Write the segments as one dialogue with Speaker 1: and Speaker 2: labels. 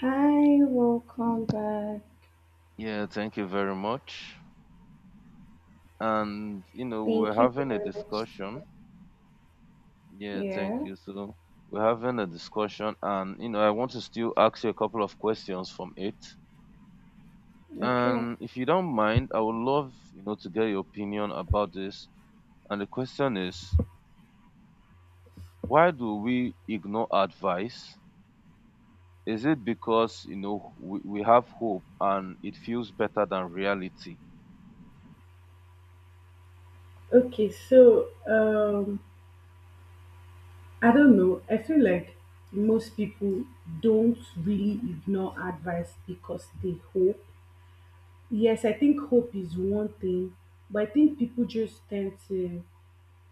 Speaker 1: Hi, welcome back.
Speaker 2: Yeah, thank you very much. And we're
Speaker 1: Thank you
Speaker 2: having a
Speaker 1: very much.
Speaker 2: discussion. Yeah,
Speaker 1: Yeah,
Speaker 2: thank you. So we're having a discussion, and I want to still ask you a couple of questions from it.
Speaker 1: okay.
Speaker 2: And if you don't mind, I would love to get your opinion about this. And the question is, why do we ignore advice? Is it because we have hope and it feels better than reality?
Speaker 1: Okay, so I don't know. I feel like most people don't really ignore advice because they hope. Yes, I think hope is one thing, but I think people just tend to.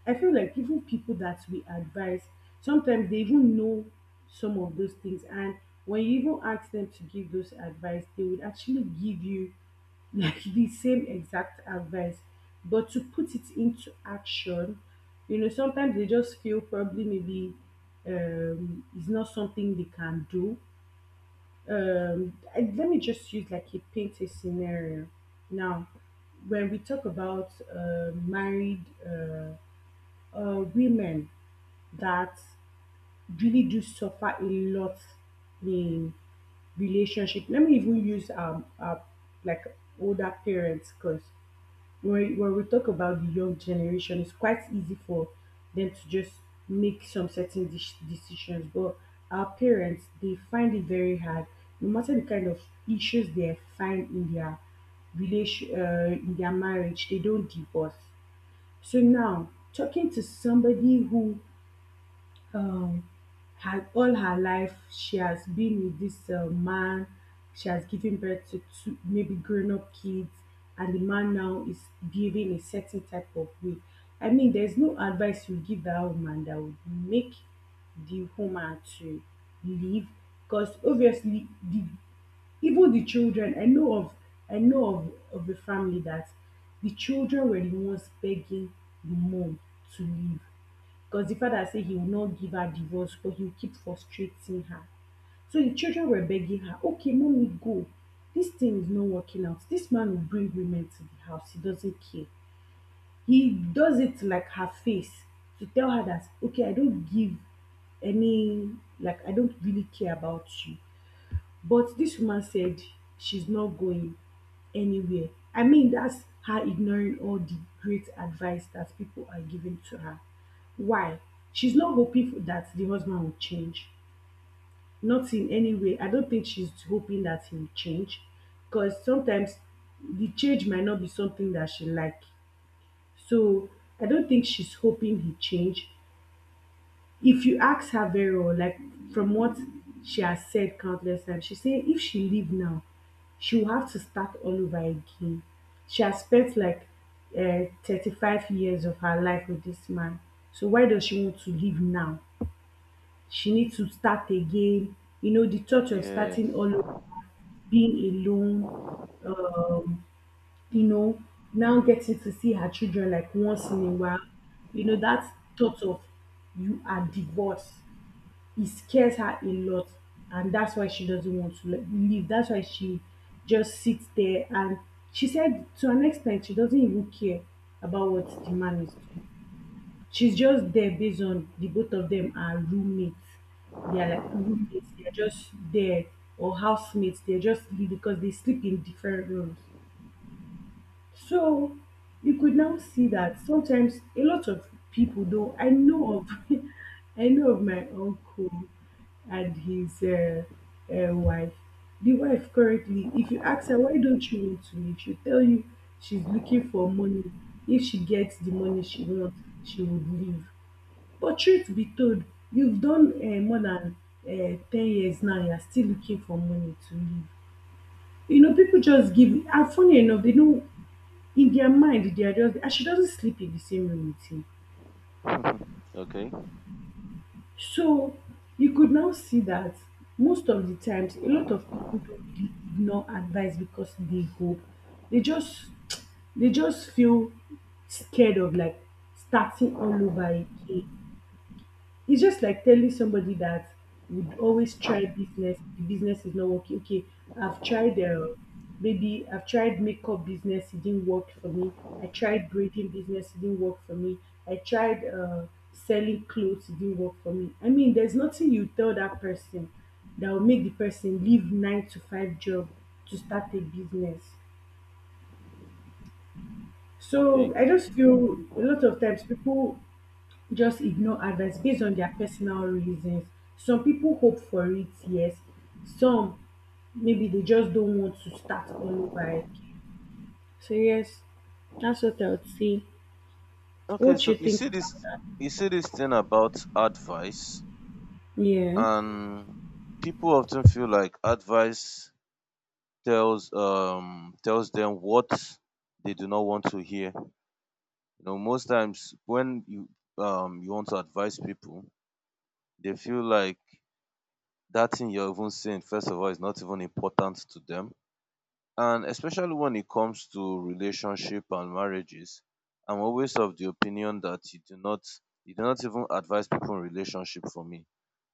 Speaker 1: I feel like even people that we advise, sometimes they even know some of those things, and when you even ask them to give those advice, they would actually give you like the same exact advice. But to put it into action, sometimes they just feel probably maybe it's not something they can do. Let me just use like a paint a scenario. Now, when we talk about married women that really do suffer a lot in relationship, let me even use like older parents because when we talk about the young generation, it's quite easy for them to just make some certain decisions. But our parents, they find it very hard, no matter the kind of issues they find in their marriage, they don't divorce. So now, talking to somebody who um her all her life she has been with this man, she has given birth to two maybe grown-up kids, and the man now is behaving a certain type of way. I mean, there's no advice you give that woman that would make the woman to leave because obviously the even the children, I know of a family that the children were the ones begging the mom to leave because the father said he will not give her divorce, but he will keep frustrating her. So the children were begging her, okay, mommy, go. This thing is not working out. This man will bring women to the house. He doesn't care. He does it like her face to tell her that, okay, I don't give any, like, I don't really care about you. But this woman said she's not going anywhere. I mean, that's her ignoring all the great advice that people are giving to her. Why? She's not hoping for that the husband will change. Not in any way. I don't think she's hoping that he will change. Because sometimes the change might not be something that she like. So I don't think she's hoping he change. If you ask her very well, like from what she has said countless times, she say if she leave now, she will have to start all over again. She has spent like 35 years of her life with this man. So why does she want to leave now? She needs to start again. You know, the thought of starting
Speaker 2: Yes.
Speaker 1: all over, being alone, uh, you know, now getting to see her children like once in a while, that thought of you are divorced. It scares her a lot, and that's why she doesn't want to like leave. That's why she just sits there and she said to an extent she doesn't even care about what the man is doing. She's just there based on the both of them are roommates. They are like roommates, they're just there or housemates, they're just because they sleep in different rooms. So you could now see that sometimes a lot of people though I know of I know of my uncle and his wife. The wife currently, if you ask her why don't you want to leave, she'll tell you she's looking for money. If she gets the money she wants, she would leave. But truth be told, you've done more than 10 years now. You're still looking for money to leave. You know, people just give. And funny enough, they don't in their mind they are just and she doesn't sleep in the same room with him.
Speaker 2: Okay.
Speaker 1: So you could now see that most of the times a lot of people don't really ignore advice because they hope. They just they just feel scared of like starting all over again. It's just like telling somebody that would always try business, the business is not working. Okay, I've tried maybe I've tried makeup business, it didn't work for me. I tried braiding business, it didn't work for me. I tried selling clothes, it didn't work for me. I mean, there's nothing you tell that person that will make the person leave 9-to-5 job to start a business.
Speaker 2: Okay.
Speaker 1: So I just feel a lot of times people just ignore advice based on their personal reasons. Some people hope for it, yes. Some maybe they just don't want to start all over again. So yes, that's what I would say.
Speaker 2: Okay,
Speaker 1: What you
Speaker 2: so you
Speaker 1: think
Speaker 2: see
Speaker 1: about,
Speaker 2: this you see this thing about advice,
Speaker 1: yeah.
Speaker 2: and people often feel like advice tells them what they do not want to hear. Most times when you want to advise people, they feel like that thing you're even saying, first of all, is not even important to them. And especially when it comes to relationship and marriages, I'm always of the opinion that you do not even advise people in relationship, for me.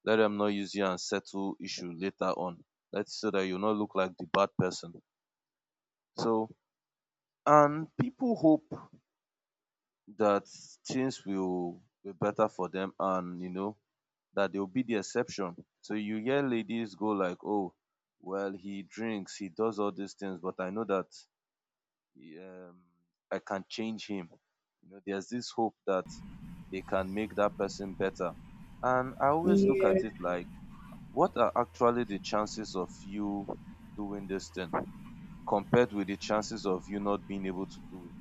Speaker 2: Let them not use you and settle issue later on. Let's so that you not look like the bad person. So and people hope that things will be better for them, and that they'll be the exception. So you hear ladies go like, oh, well he drinks, he does all these things, but I know that um, I can change him. There's this hope that they can make that person better. And I always look
Speaker 1: Yeah,
Speaker 2: at it like, what are actually the chances of you doing this thing compared with the chances of you not being able to do it?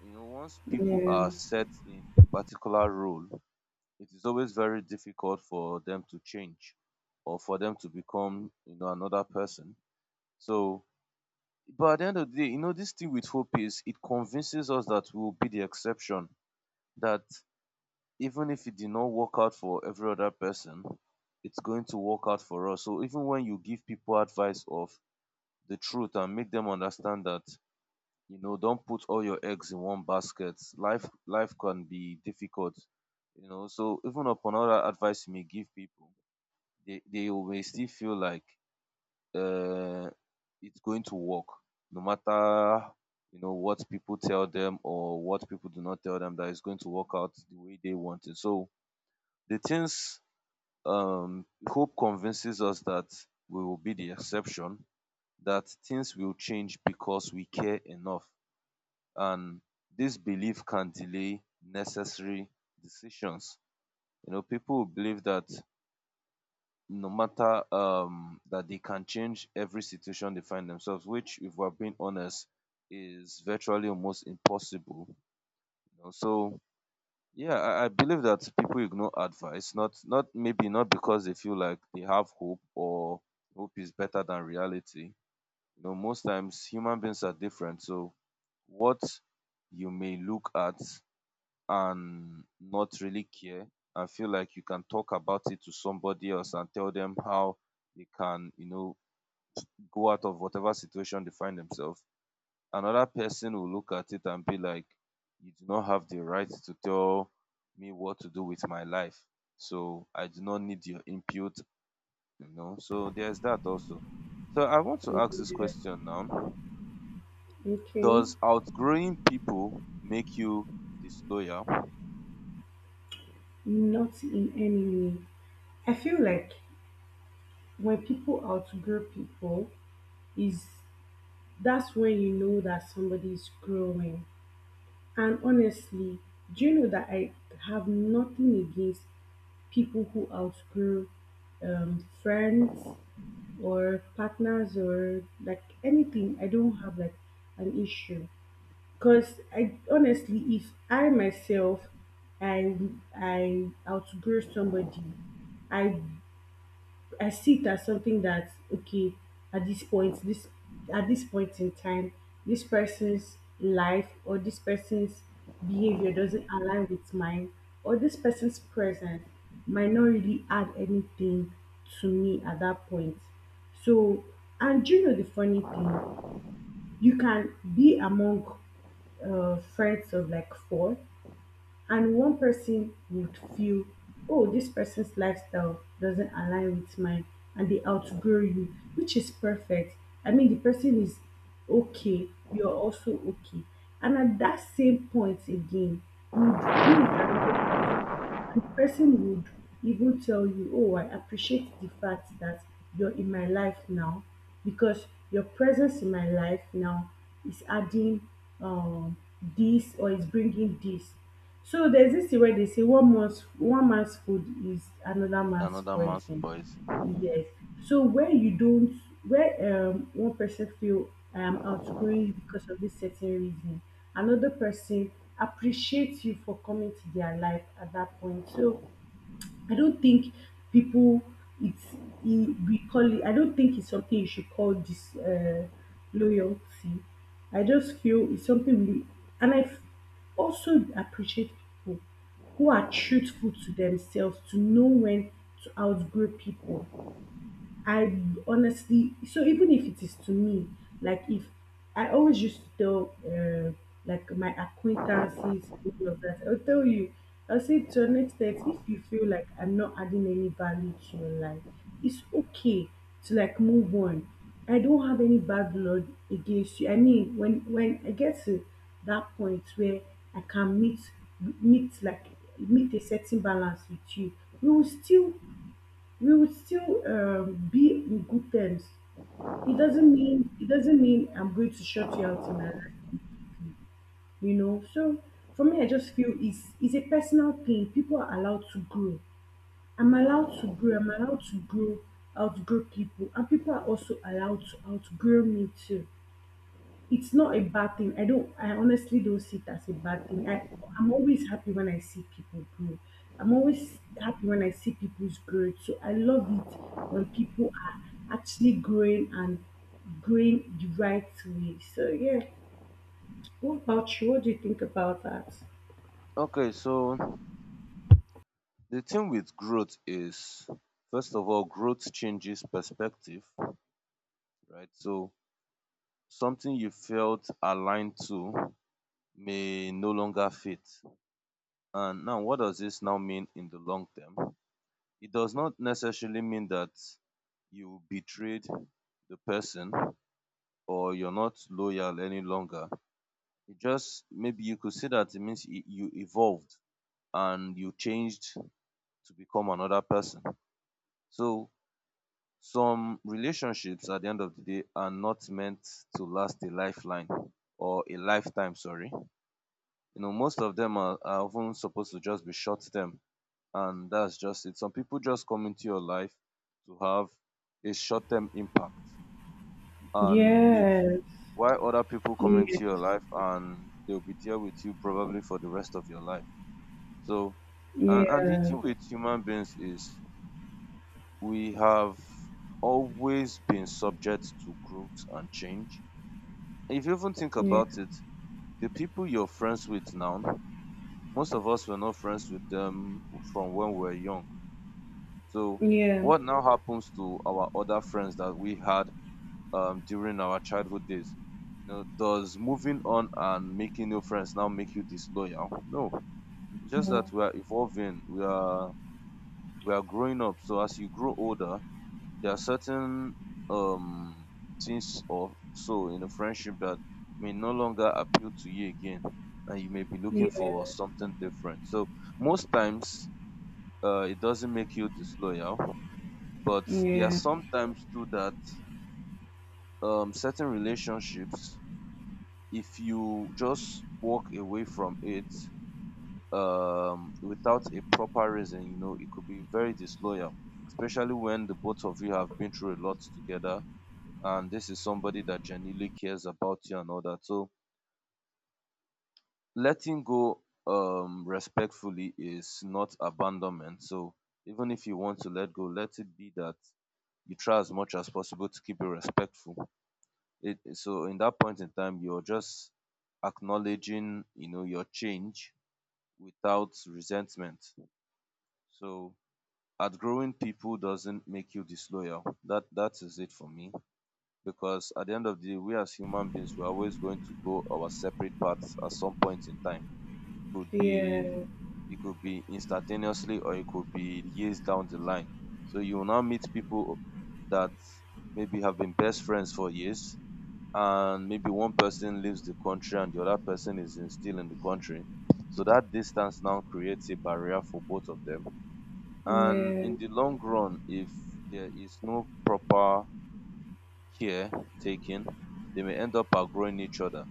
Speaker 2: Once people
Speaker 1: yeah,
Speaker 2: are set in a particular role, it is always very difficult for them to change, or for them to become, another person. So, but at the end of the day, this thing with hope is, it convinces us that we will be the exception, that even if it did not work out for every other person, it's going to work out for us. So even when you give people advice of the truth and make them understand that, don't put all your eggs in one basket. Life can be difficult. So even upon all that advice you may give people, they will may still feel like uh, it's going to work, no matter what people tell them or what people do not tell them, that it's going to work out the way they want it. So the things hope convinces us that we will be the exception, that things will change because we care enough. And this belief can delay necessary decisions. People believe that no matter that they can change every situation they find themselves, which, if we're being honest, is virtually almost impossible. You know? So yeah, I believe that people ignore advice, not maybe, not because they feel like they have hope or hope is better than reality. Most times human beings are different. So what you may look at and not really care and feel like you can talk about it to somebody else and tell them how they can, go out of whatever situation they find themselves, another person will look at it and be like, you do not have the right to tell me what to do with my life. So I do not need your input. So there's that also. So I want to ask this
Speaker 1: yeah.
Speaker 2: question now.
Speaker 1: Okay.
Speaker 2: Does outgrowing people make you disloyal?
Speaker 1: Not in any way. I feel like when people outgrow people is that's when you know that somebody is growing. And honestly, do you know that I have nothing against people who outgrow friends or partners or like anything. I don't have like an issue because I honestly, if I myself, I I outgrow somebody, I I see it as something that okay, at this point, this at this point in time, this person's life or this person's behavior doesn't align with mine, or this person's presence might not really add anything to me at that point. So, and you know the funny thing, you can be among friends of like four, and one person would feel, oh, this person's lifestyle doesn't align with mine, and they outgrow you, which is perfect. I mean, the person is okay, you're also okay, and at that same point again, you would be with another person. The person would even tell you, oh, I appreciate the fact that you're in my life now because your presence in my life now is adding um, this or is bringing this. So there's this thing where they say one man's food is another man's
Speaker 2: Another man's
Speaker 1: poison.
Speaker 2: poison.
Speaker 1: Yes. So where you don't, where one person feel I am outgrowing you because of this certain reason, another person appreciates you for coming to their life at that point. So I don't think people it's it, we call it. I don't think it's something you should call this loyalty. I just feel it's something we and I also appreciate people who are truthful to themselves to know when to outgrow people. I honestly, so even if it is to me, like if I always used to tell like my acquaintances, people of that, I'll tell you, I'll say to an extent, if you feel like I'm not adding any value to your life, it's okay to like move on. I don't have any bad blood against you. I mean, when I get to that point where I can meet like meet a certain balance with you, we will still we will still be in good terms. It doesn't mean I'm going to shut you out in my life, you know. So for me, I just feel it's a personal thing. People are allowed to grow. I'm allowed to grow. I'm allowed to grow, outgrow people, and people are also allowed to outgrow me too. It's not a bad thing. I honestly don't see it as a bad thing. I'm always happy when I see people grow. I'm always happy when I see people's growth. So I love it when people are actually growing and growing the right way. So yeah. What about you? What do you think about that?
Speaker 2: Okay, so the thing with growth is, first of all, growth changes perspective, right? So something you felt aligned to may no longer fit. And now, what does this now mean in the long term? It does not necessarily mean that you betrayed the person or you're not loyal any longer. It just, maybe you could say that it means you evolved and you changed to become another person. So some relationships at the end of the day are not meant to last a lifeline, or a lifetime, sorry. Most of them are often supposed to just be short term, and that's just it. Some people just come into your life to have a short term impact and leave.
Speaker 1: Yes.
Speaker 2: While other people come
Speaker 1: Yeah.
Speaker 2: into your life and they'll be there with you probably for the rest of your life. So and the
Speaker 1: Yeah.
Speaker 2: thing with human beings is, we have always been subject to growth and change. If you even think
Speaker 1: Yeah.
Speaker 2: about it, the people you're friends with now, most of us were not friends with them from when we were young. So,
Speaker 1: Yeah.
Speaker 2: what now happens to our other friends that we had during our childhood days? Does moving on and making new friends now make you disloyal? No, it's just
Speaker 1: No.
Speaker 2: that we are evolving. We are growing up. So as you grow older, there are certain um things or so in a friendship that may no longer appeal to you again, and you may be looking for
Speaker 1: Yeah.
Speaker 2: something different. So most times it doesn't make you disloyal, but there are
Speaker 1: Yeah.
Speaker 2: sometimes too that certain relationships, if you just walk away from it without a proper reason, it could be very disloyal, especially when the both of you have been through a lot together and this is somebody that genuinely cares about you and all that. So letting go respectfully is not abandonment. So even if you want to let go, let it be that you try as much as possible to keep it respectful. So in that point in time, you're just acknowledging, your change without resentment. So outgrowing people doesn't make you disloyal. That is it for me. Because at the end of the day, we as human beings, we're always going to go our separate paths at some point in time. It could be
Speaker 1: Yeah.
Speaker 2: it could be instantaneously, or it could be years down the line. So you will now meet people that maybe have been best friends for years, and maybe one person leaves the country and the other person still in the country. So that distance now creates a barrier for both of them. And
Speaker 1: Yeah.
Speaker 2: in the long run, if there is no proper care taking, they may end up outgrowing each other.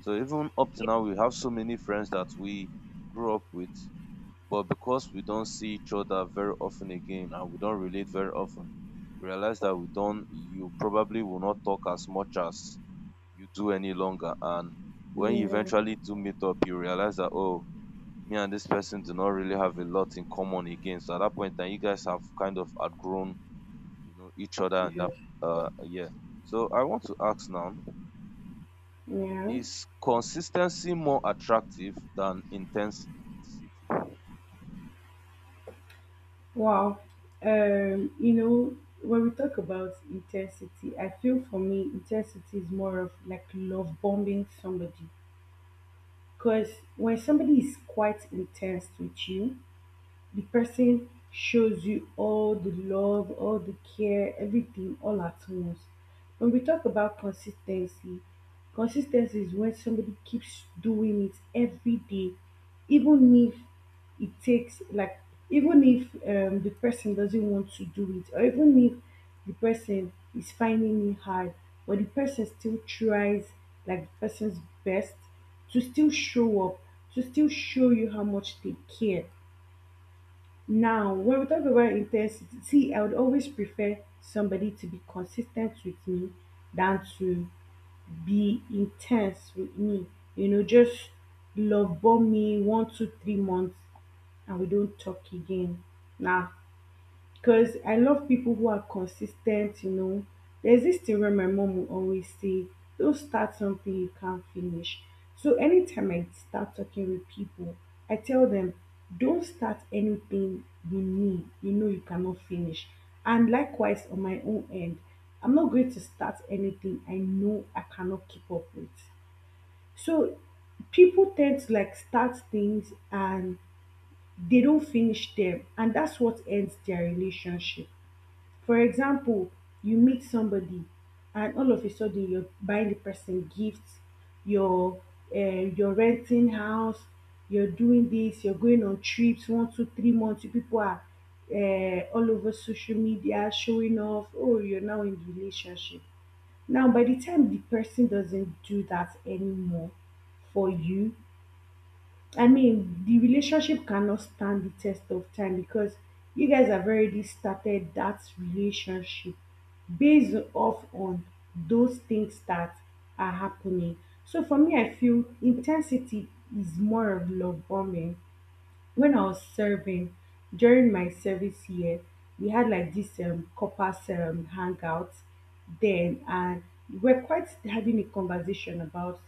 Speaker 2: So even up to now, we have so many friends that we grew up with, but because we don't see each other very often again and we don't relate very often, we realize that we don't, you probably will not talk as much as you do any longer. And when you
Speaker 1: Yeah.
Speaker 2: eventually do meet up, you realize that, oh, me and this person do not really have a lot in common again. So at that point, and you guys have kind of outgrown each other, and
Speaker 1: Yeah.
Speaker 2: that, yeah. So I want to ask now,
Speaker 1: Yeah.
Speaker 2: is consistency more attractive than intensity?
Speaker 1: Wow. Um, you know, when we talk about intensity, I feel for me, intensity is more of like love bombing somebody. Because when somebody is quite intense with you, the person shows you all the love, all the care, everything all at once. When we talk about consistency, consistency is when somebody keeps doing it every day, even if it takes like even if the person doesn't want to do it, or even if the person is finding it hard, but the person still tries like the person's best to still show up, to still show you how much they care. Now, when we talk about intensity, see, I would always prefer somebody to be consistent with me than to be intense with me. You know, just love bomb me one, two, 3 months and we don't talk again. Nah, because I love people who are consistent, you know. There's this thing where my mom will always say, don't start something you can't finish. So anytime I start talking with people, I tell them, don't start anything you need, you know you cannot finish. And likewise, on my own end, I'm not going to start anything I know I cannot keep up with. So people tend to like start things and they don't finish them, and that's what ends their relationship. For example, you meet somebody and all of a sudden you're buying the person gifts, you're you're renting house, you're doing this, you're going on trips one, two, 3 months. You people are all over social media showing off. Oh, you're now in relationship. Now, by the time the person doesn't do that anymore for you, I mean, the relationship cannot stand the test of time because you guys have already started that relationship based off on those things that are happening. So for me, I feel intensity is more of love bombing when I was serving during my service year, we had like this corpus hangout then, and we're quite having a conversation about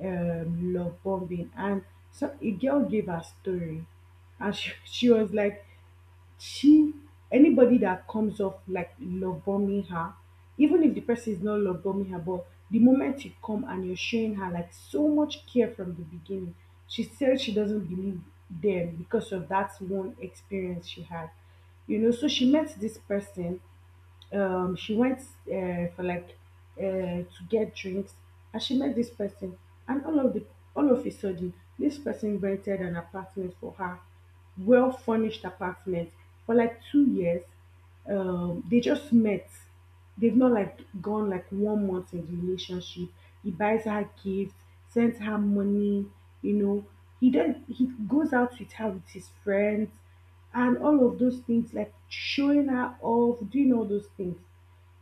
Speaker 1: love bombing, and so a girl gave her story, and she was like, she anybody that comes off like love bombing her, even if the person is not love bombing her, but the moment you come and you're showing her like so much care from the beginning, she said she doesn't believe them because of that one experience she had. You know, so she met this person she went for like uh, to get drinks and she met this person and all of a sudden this person rented an apartment for her well furnished apartment for like 2 years. They just met, they've not like gone like 1 month in the relationship. He buys her gifts, sends her money, you know. He goes out with her with his friends and all of those things, like showing her off, doing all those things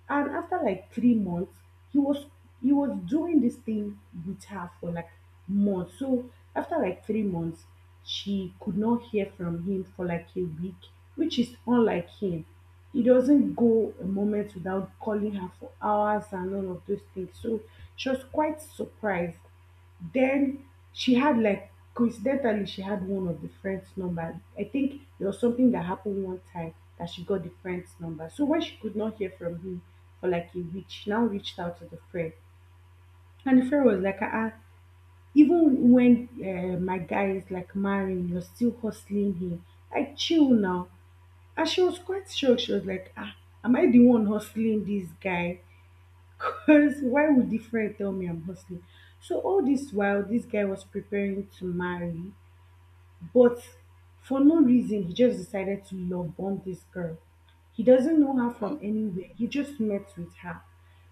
Speaker 1: and after like 3 months he was he was doing this thing with her for like months. So after like 3 months she could not hear from him for like a week, which is unlike him. He doesn't go a moment without calling her for hours and all of those things. So she was quite surprised then. She had, like, coincidentally she had one of the friend's number. I think there was something that happened one time that she got the friend's number. So when she could not hear from him for like a week, she now reached out to the friend. And the friend was like, ah, ah, even when my guy is like marrying, you're still hustling him. Like chill now. And she was quite shocked. She was like, ah, am I the one hustling this guy? Because why would the friend tell me I'm hustling? So all this while, this guy was preparing to marry. But for no reason, he just decided to love bomb this girl. He doesn't know her from
Speaker 2: Wow.
Speaker 1: anywhere. He just met with her.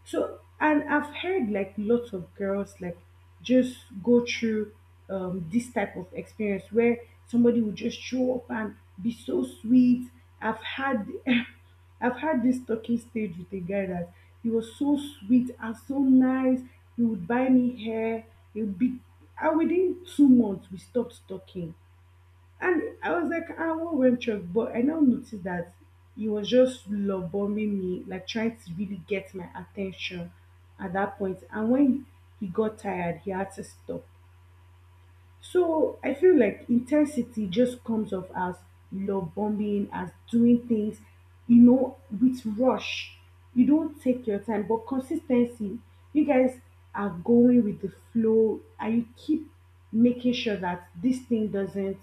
Speaker 1: So, and I've heard like lots of girls like just go through this type of experience where somebody will just show up and be so sweet. I've had, I've had this talking stage with a guy that he was so sweet and so nice. He would buy me hair. He would be, and within 2 months we stopped talking and I was like, ah, I won't went wrong? But I now noticed that he was just love bombing me, like trying to really get my attention at that point. And when he got tired, he had to stop. So I feel like intensity just comes off as love bombing, as doing things, you know, with rush. You don't take your time, but consistency, you guys are going with the flow and you keep making sure that this thing doesn't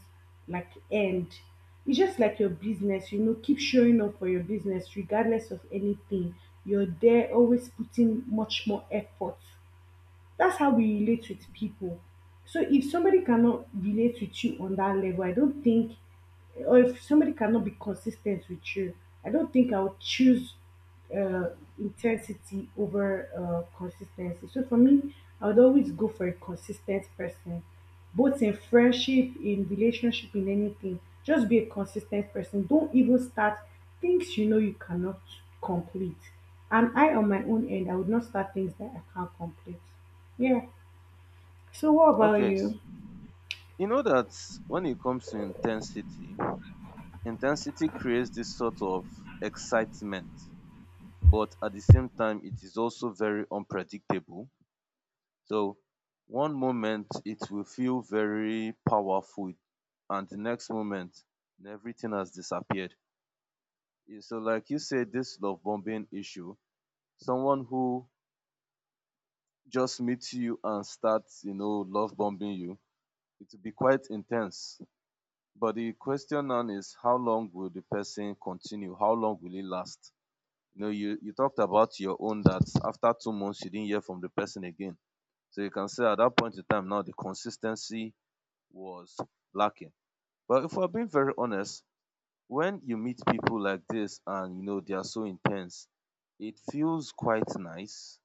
Speaker 1: like end. It's just like your business, you know, keep showing up for your business regardless of anything. You're there always putting much more effort that's how we relate with people. So if somebody cannot relate with you on that level, I don't think, or if somebody cannot be consistent with you, I don't think I'll choose uh, intensity over consistency. So for me, I would always go for a consistent person, both in friendship, in relationship, in anything. Just be a consistent person. Don't even start things you know you cannot complete. And I, on my own end, I would not start things that I can't complete. Yeah. So what about
Speaker 2: Okay,
Speaker 1: you?
Speaker 2: you know that when it comes to intensity creates this sort of excitement, but at the same time it is also very unpredictable. So one moment it will feel very powerful, and the next moment everything has disappeared. Yeah. So, like you said, this love bombing issue, someone who just meets you and starts, love bombing you, it will be quite intense. But the question now is, how long will the person continue? How long will it last? You talked about your own that after 2 months you didn't hear from the person again. So you can say at that point in time now the consistency was lacking. But if we're being very honest, when you meet people like this and you know they are so intense, it feels quite nice.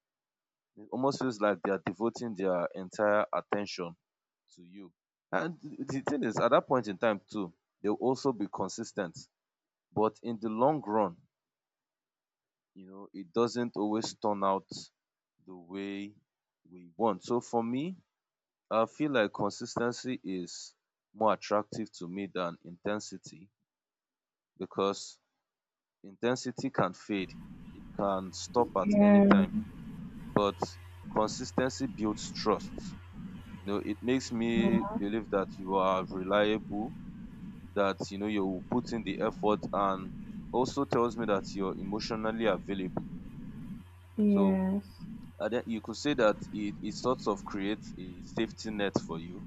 Speaker 2: It almost feels like they are devoting their entire attention to you, and the thing is, at that point in time too, they'll also be consistent, but in the long run, it doesn't always turn out the way we want. So for me, I feel like consistency is more attractive to me than intensity, because intensity can fade, it can stop at any
Speaker 1: Yeah,
Speaker 2: time, but consistency builds trust. It makes me believe that you are reliable, that you put in the effort, and also tells me that you're emotionally available. So
Speaker 1: yes,
Speaker 2: and then you could say that it sort of creates a safety net for you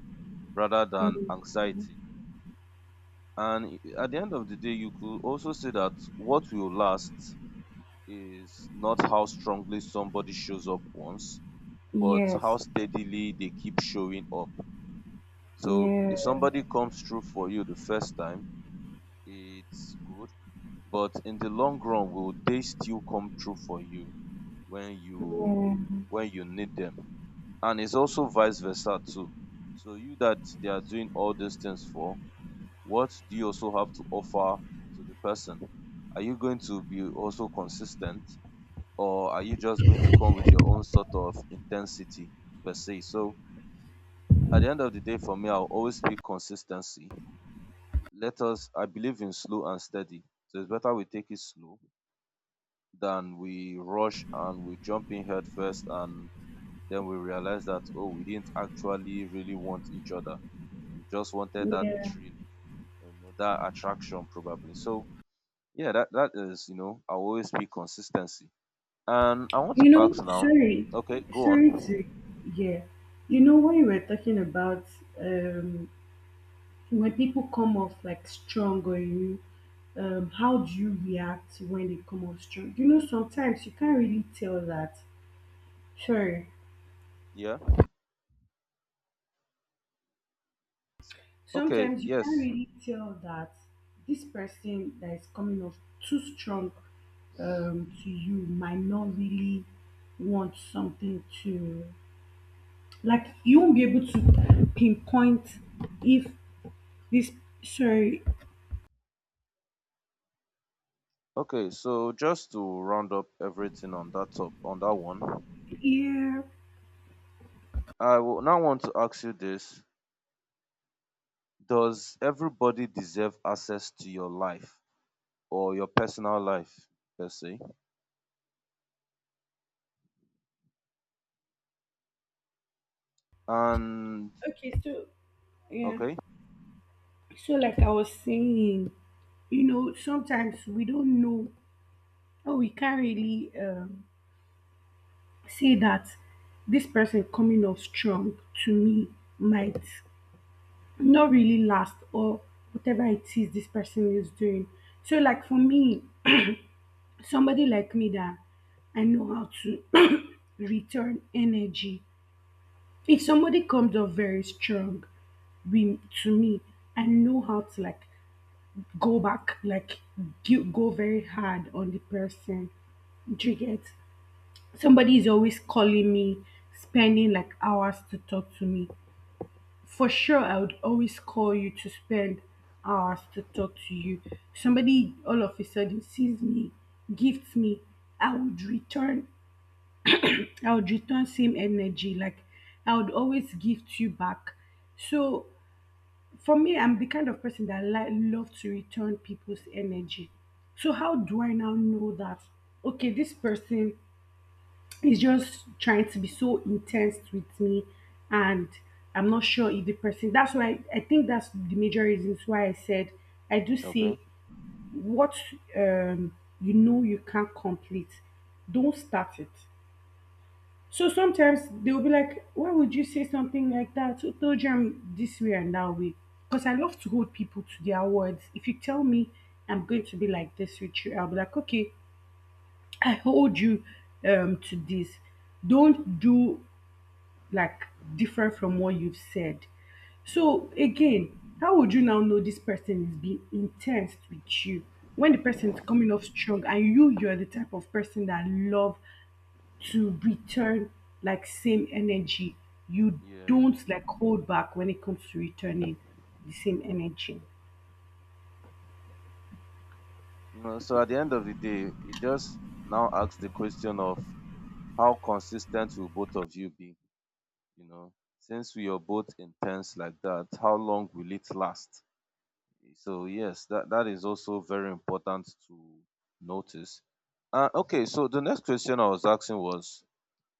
Speaker 2: rather than
Speaker 1: mm,
Speaker 2: anxiety. And at the end of the day you could also say that what will last is not how strongly somebody shows up once, but
Speaker 1: yes,
Speaker 2: how steadily they keep showing up. So if
Speaker 1: yeah,
Speaker 2: somebody comes through for you the first time, it's good. But in the long run, will they still come through for you when you
Speaker 1: yeah,
Speaker 2: when you need them? And it's also vice versa too. So you that they are doing all these things for, what do you also have to offer to the person? Are you going to be also consistent, or are you just going to come with your own sort of intensity per se? So at the end of the day, for me, I'll always pick consistency. I believe in slow and steady. So it's better we take it slow than we rush and we jump in head first and then we realize that, oh, we didn't actually really want each other. We just wanted that
Speaker 1: yeah.
Speaker 2: thrill, that attraction probably. So yeah, that is, I'll always pick consistency. And I want to
Speaker 1: You know,
Speaker 2: ask now,
Speaker 1: sorry,
Speaker 2: okay, go
Speaker 1: sorry
Speaker 2: on.
Speaker 1: to, yeah. You know when you were talking about um when people come off like strong on you, how do you react when they come off strong? You know, sometimes you can't really tell that. Sorry.
Speaker 2: Yeah. Okay,
Speaker 1: Sometimes you can't
Speaker 2: yes.
Speaker 1: really tell that this person that is coming off too strong to you might not really want something to, like, you won't be able to pinpoint if this sorry,
Speaker 2: Okay, so just to round up everything on that top on that one,
Speaker 1: yeah,
Speaker 2: I will now want to ask you this. Does everybody deserve access to your life or your personal life, per se? And
Speaker 1: okay, so yeah.
Speaker 2: okay,
Speaker 1: So like I was saying, you know, sometimes we don't know or we can't really say that this person coming off strong to me might not really last or whatever it is this person is doing. So like for me, somebody like me that I know how to return energy. If somebody comes up very strong to me, I know how to like go back, like do, go very hard on the person. Do you get? Somebody is always calling me, spending like hours to talk to me. For sure, I would always call you to spend hours to talk to you. Somebody all of a sudden sees me, gifts me. I would return. I would return same energy. Like I would always gift you back. So for me, I'm the kind of person that like love to return people's energy. So how do I now know that? Okay, this person he's just trying to be so intense with me and I'm not sure if the person, that's why I think that's the major reasons why I said I do say
Speaker 2: okay.
Speaker 1: what, you know, you can't complete don't start it. So sometimes they'll be like, why would you say something like that, who told you I'm this way and that way? Because I love to hold people to their words. If you tell me I'm going to be like this with you, I'll be like okay, I hold you to this. Don't do like different from what you've said. So again, how would you now know this person is being intense with you when the person is coming off strong and you're the type of person that love to return like same energy. You
Speaker 2: Yeah.
Speaker 1: don't like hold back when it comes to returning the same energy.
Speaker 2: No, so at the end of the day, it just now asks the question of how consistent will both of you be, you know? Since we are both intense like that, how long will it last? So yes, that is also very important to notice. Okay, so the next question I was asking was,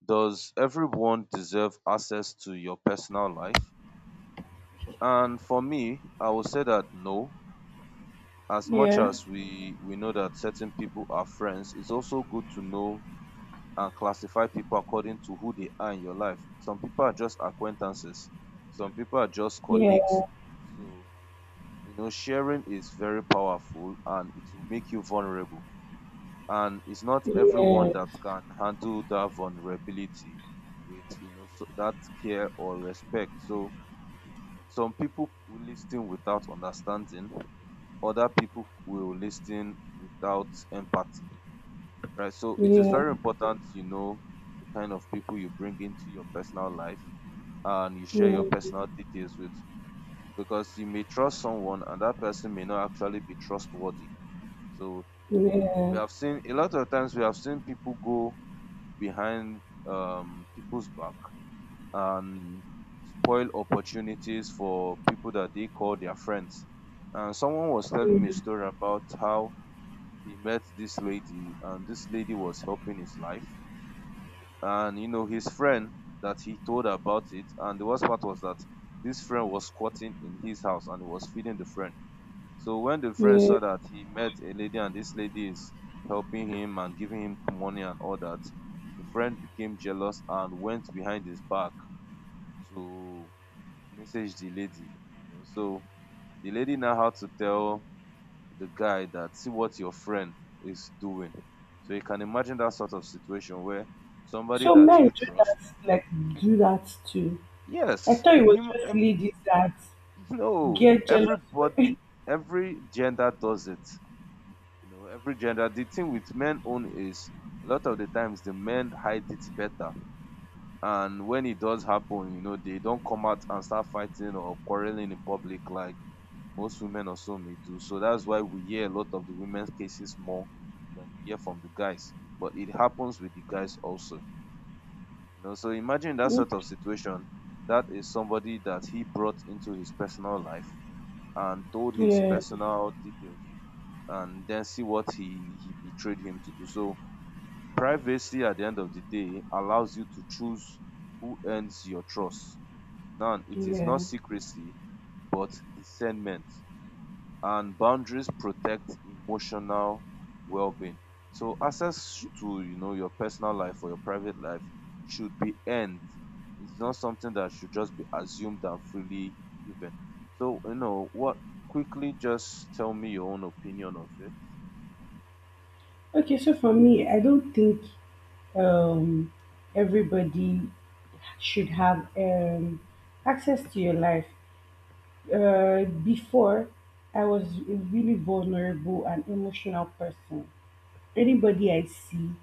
Speaker 2: does everyone deserve access to your personal life? And for me, I would say that no. As much
Speaker 1: Yeah,
Speaker 2: as we know that certain people are friends, it's also good to know and classify people according to who they are in your life. Some people are just acquaintances. Some people are just
Speaker 1: yeah,
Speaker 2: colleagues. So you know, sharing is very powerful and it will make you vulnerable. And it's not
Speaker 1: yeah,
Speaker 2: everyone that can handle that vulnerability with, you know, so that care or respect. So some people will listen without understanding, other people will listen without empathy, right? So it is
Speaker 1: yeah,
Speaker 2: very important, you know, the kind of people you bring into your personal life and you share your
Speaker 1: yeah,
Speaker 2: personal details with, because you may trust someone and that person may not actually be trustworthy. So we
Speaker 1: yeah,
Speaker 2: have seen a lot of times we have seen people go behind people's back and spoil opportunities for people that they call their friends. And someone was telling me a story about how he met this lady and this lady was helping his life. And you know, his friend that he told about it, and the worst part was that this friend was squatting in his house and he was feeding the friend. So when the friend
Speaker 1: yeah.
Speaker 2: saw that he met a lady and this lady is helping him and giving him money and all that, the friend became jealous and went behind his back to message the lady, you know. So the lady now had to tell the guy that see what your friend is doing. So you can imagine that sort of situation where somebody
Speaker 1: So
Speaker 2: that
Speaker 1: men
Speaker 2: you
Speaker 1: do
Speaker 2: trust,
Speaker 1: that, like do that too. I
Speaker 2: yes,
Speaker 1: thought it was
Speaker 2: him,
Speaker 1: just ladies that
Speaker 2: no,
Speaker 1: get jealous.
Speaker 2: everybody,
Speaker 1: When,
Speaker 2: every gender does it, you know, every gender. The thing with men own is a lot of the times the men hide it better. And when it does happen, you know, they don't come out and start fighting or quarreling in public like most women or so may do. So that's why we hear a lot of the women's cases more than you hear from the guys. But it happens with the guys also. You know, so imagine that sort of situation. That is somebody that he brought into his personal life and told his
Speaker 1: yeah,
Speaker 2: personal details, and then see what he betrayed him to do. So privacy at the end of the day allows you to choose who earns your trust. Now it is
Speaker 1: yeah.
Speaker 2: not secrecy, but discernment. And boundaries protect emotional well-being. So access to you know your personal life or your private life should be earned. It's not something that should just be assumed and freely given. So you know what, quickly just tell me your own opinion of it.
Speaker 1: Okay, so for me, I don't think um, everybody should have access to your life. Before, I was a really vulnerable and emotional person. Anybody I see,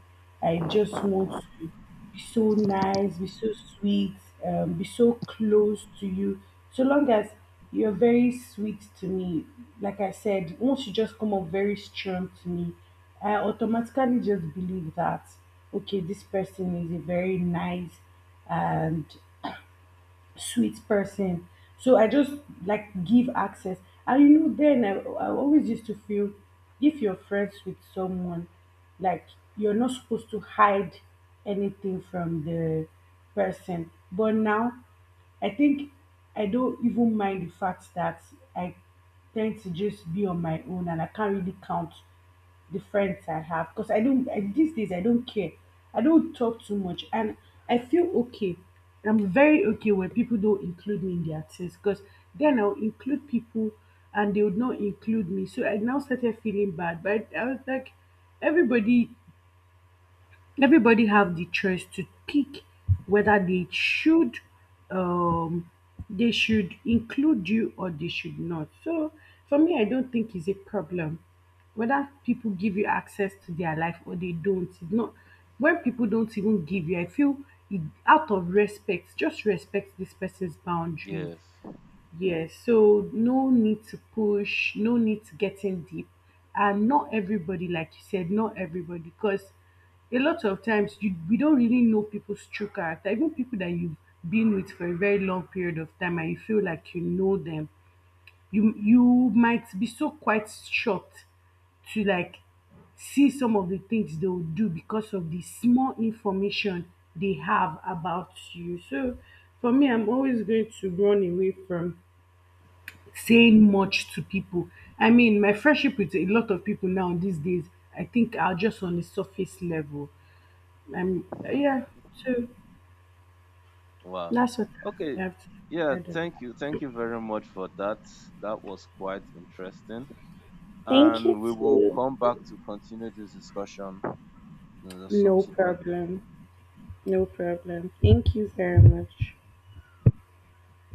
Speaker 1: I just want to be so nice, be so sweet, be so close to you. So long as you're very sweet to me, like I said, once you just come up very strong to me, I automatically just believe that, okay, this person is a very nice and sweet person. So I just like give access. And you know, then I always used to feel if you're friends with someone, like you're not supposed to hide anything from the person. But now I think I don't even mind the fact that I tend to just be on my own and I can't really count the friends I have because I don't, I, these days I don't care. I don't talk too much and I feel okay. I'm very okay when people don't include me in their things, because then I'll include people and they would not include me. So I now started feeling bad. But I was like, everybody everybody have the choice to pick whether um they should include you or they should not. So for me I don't think it's a problem whether people give you access to their life or they don't. It's not, when people don't even give you I feel it, out of respect, just respect this person's boundaries.
Speaker 2: Yes.
Speaker 1: Yes, so no need to push, no need to getting deep. And not everybody, like you said, not everybody, because a lot of times you we don't really know people's true character. Even people that you've been with for a very long period of time and you feel like you know them, you might be so quite shocked to like see some of the things they will do because of the small information they have about you. So for me, I'm always going to run away from saying much to people. I mean, my friendship with a lot of people now these days, I think are just on the surface level. Yeah, so
Speaker 2: Wow.
Speaker 1: that's what I
Speaker 2: Okay.
Speaker 1: have to,
Speaker 2: Yeah,
Speaker 1: I don't.
Speaker 2: thank you. Thank you very much for that. That was quite interesting.
Speaker 1: Thank you
Speaker 2: And we will
Speaker 1: too.
Speaker 2: come back to continue this discussion in the
Speaker 1: No
Speaker 2: subsequent time.
Speaker 1: problem. No problem. Thank you very much.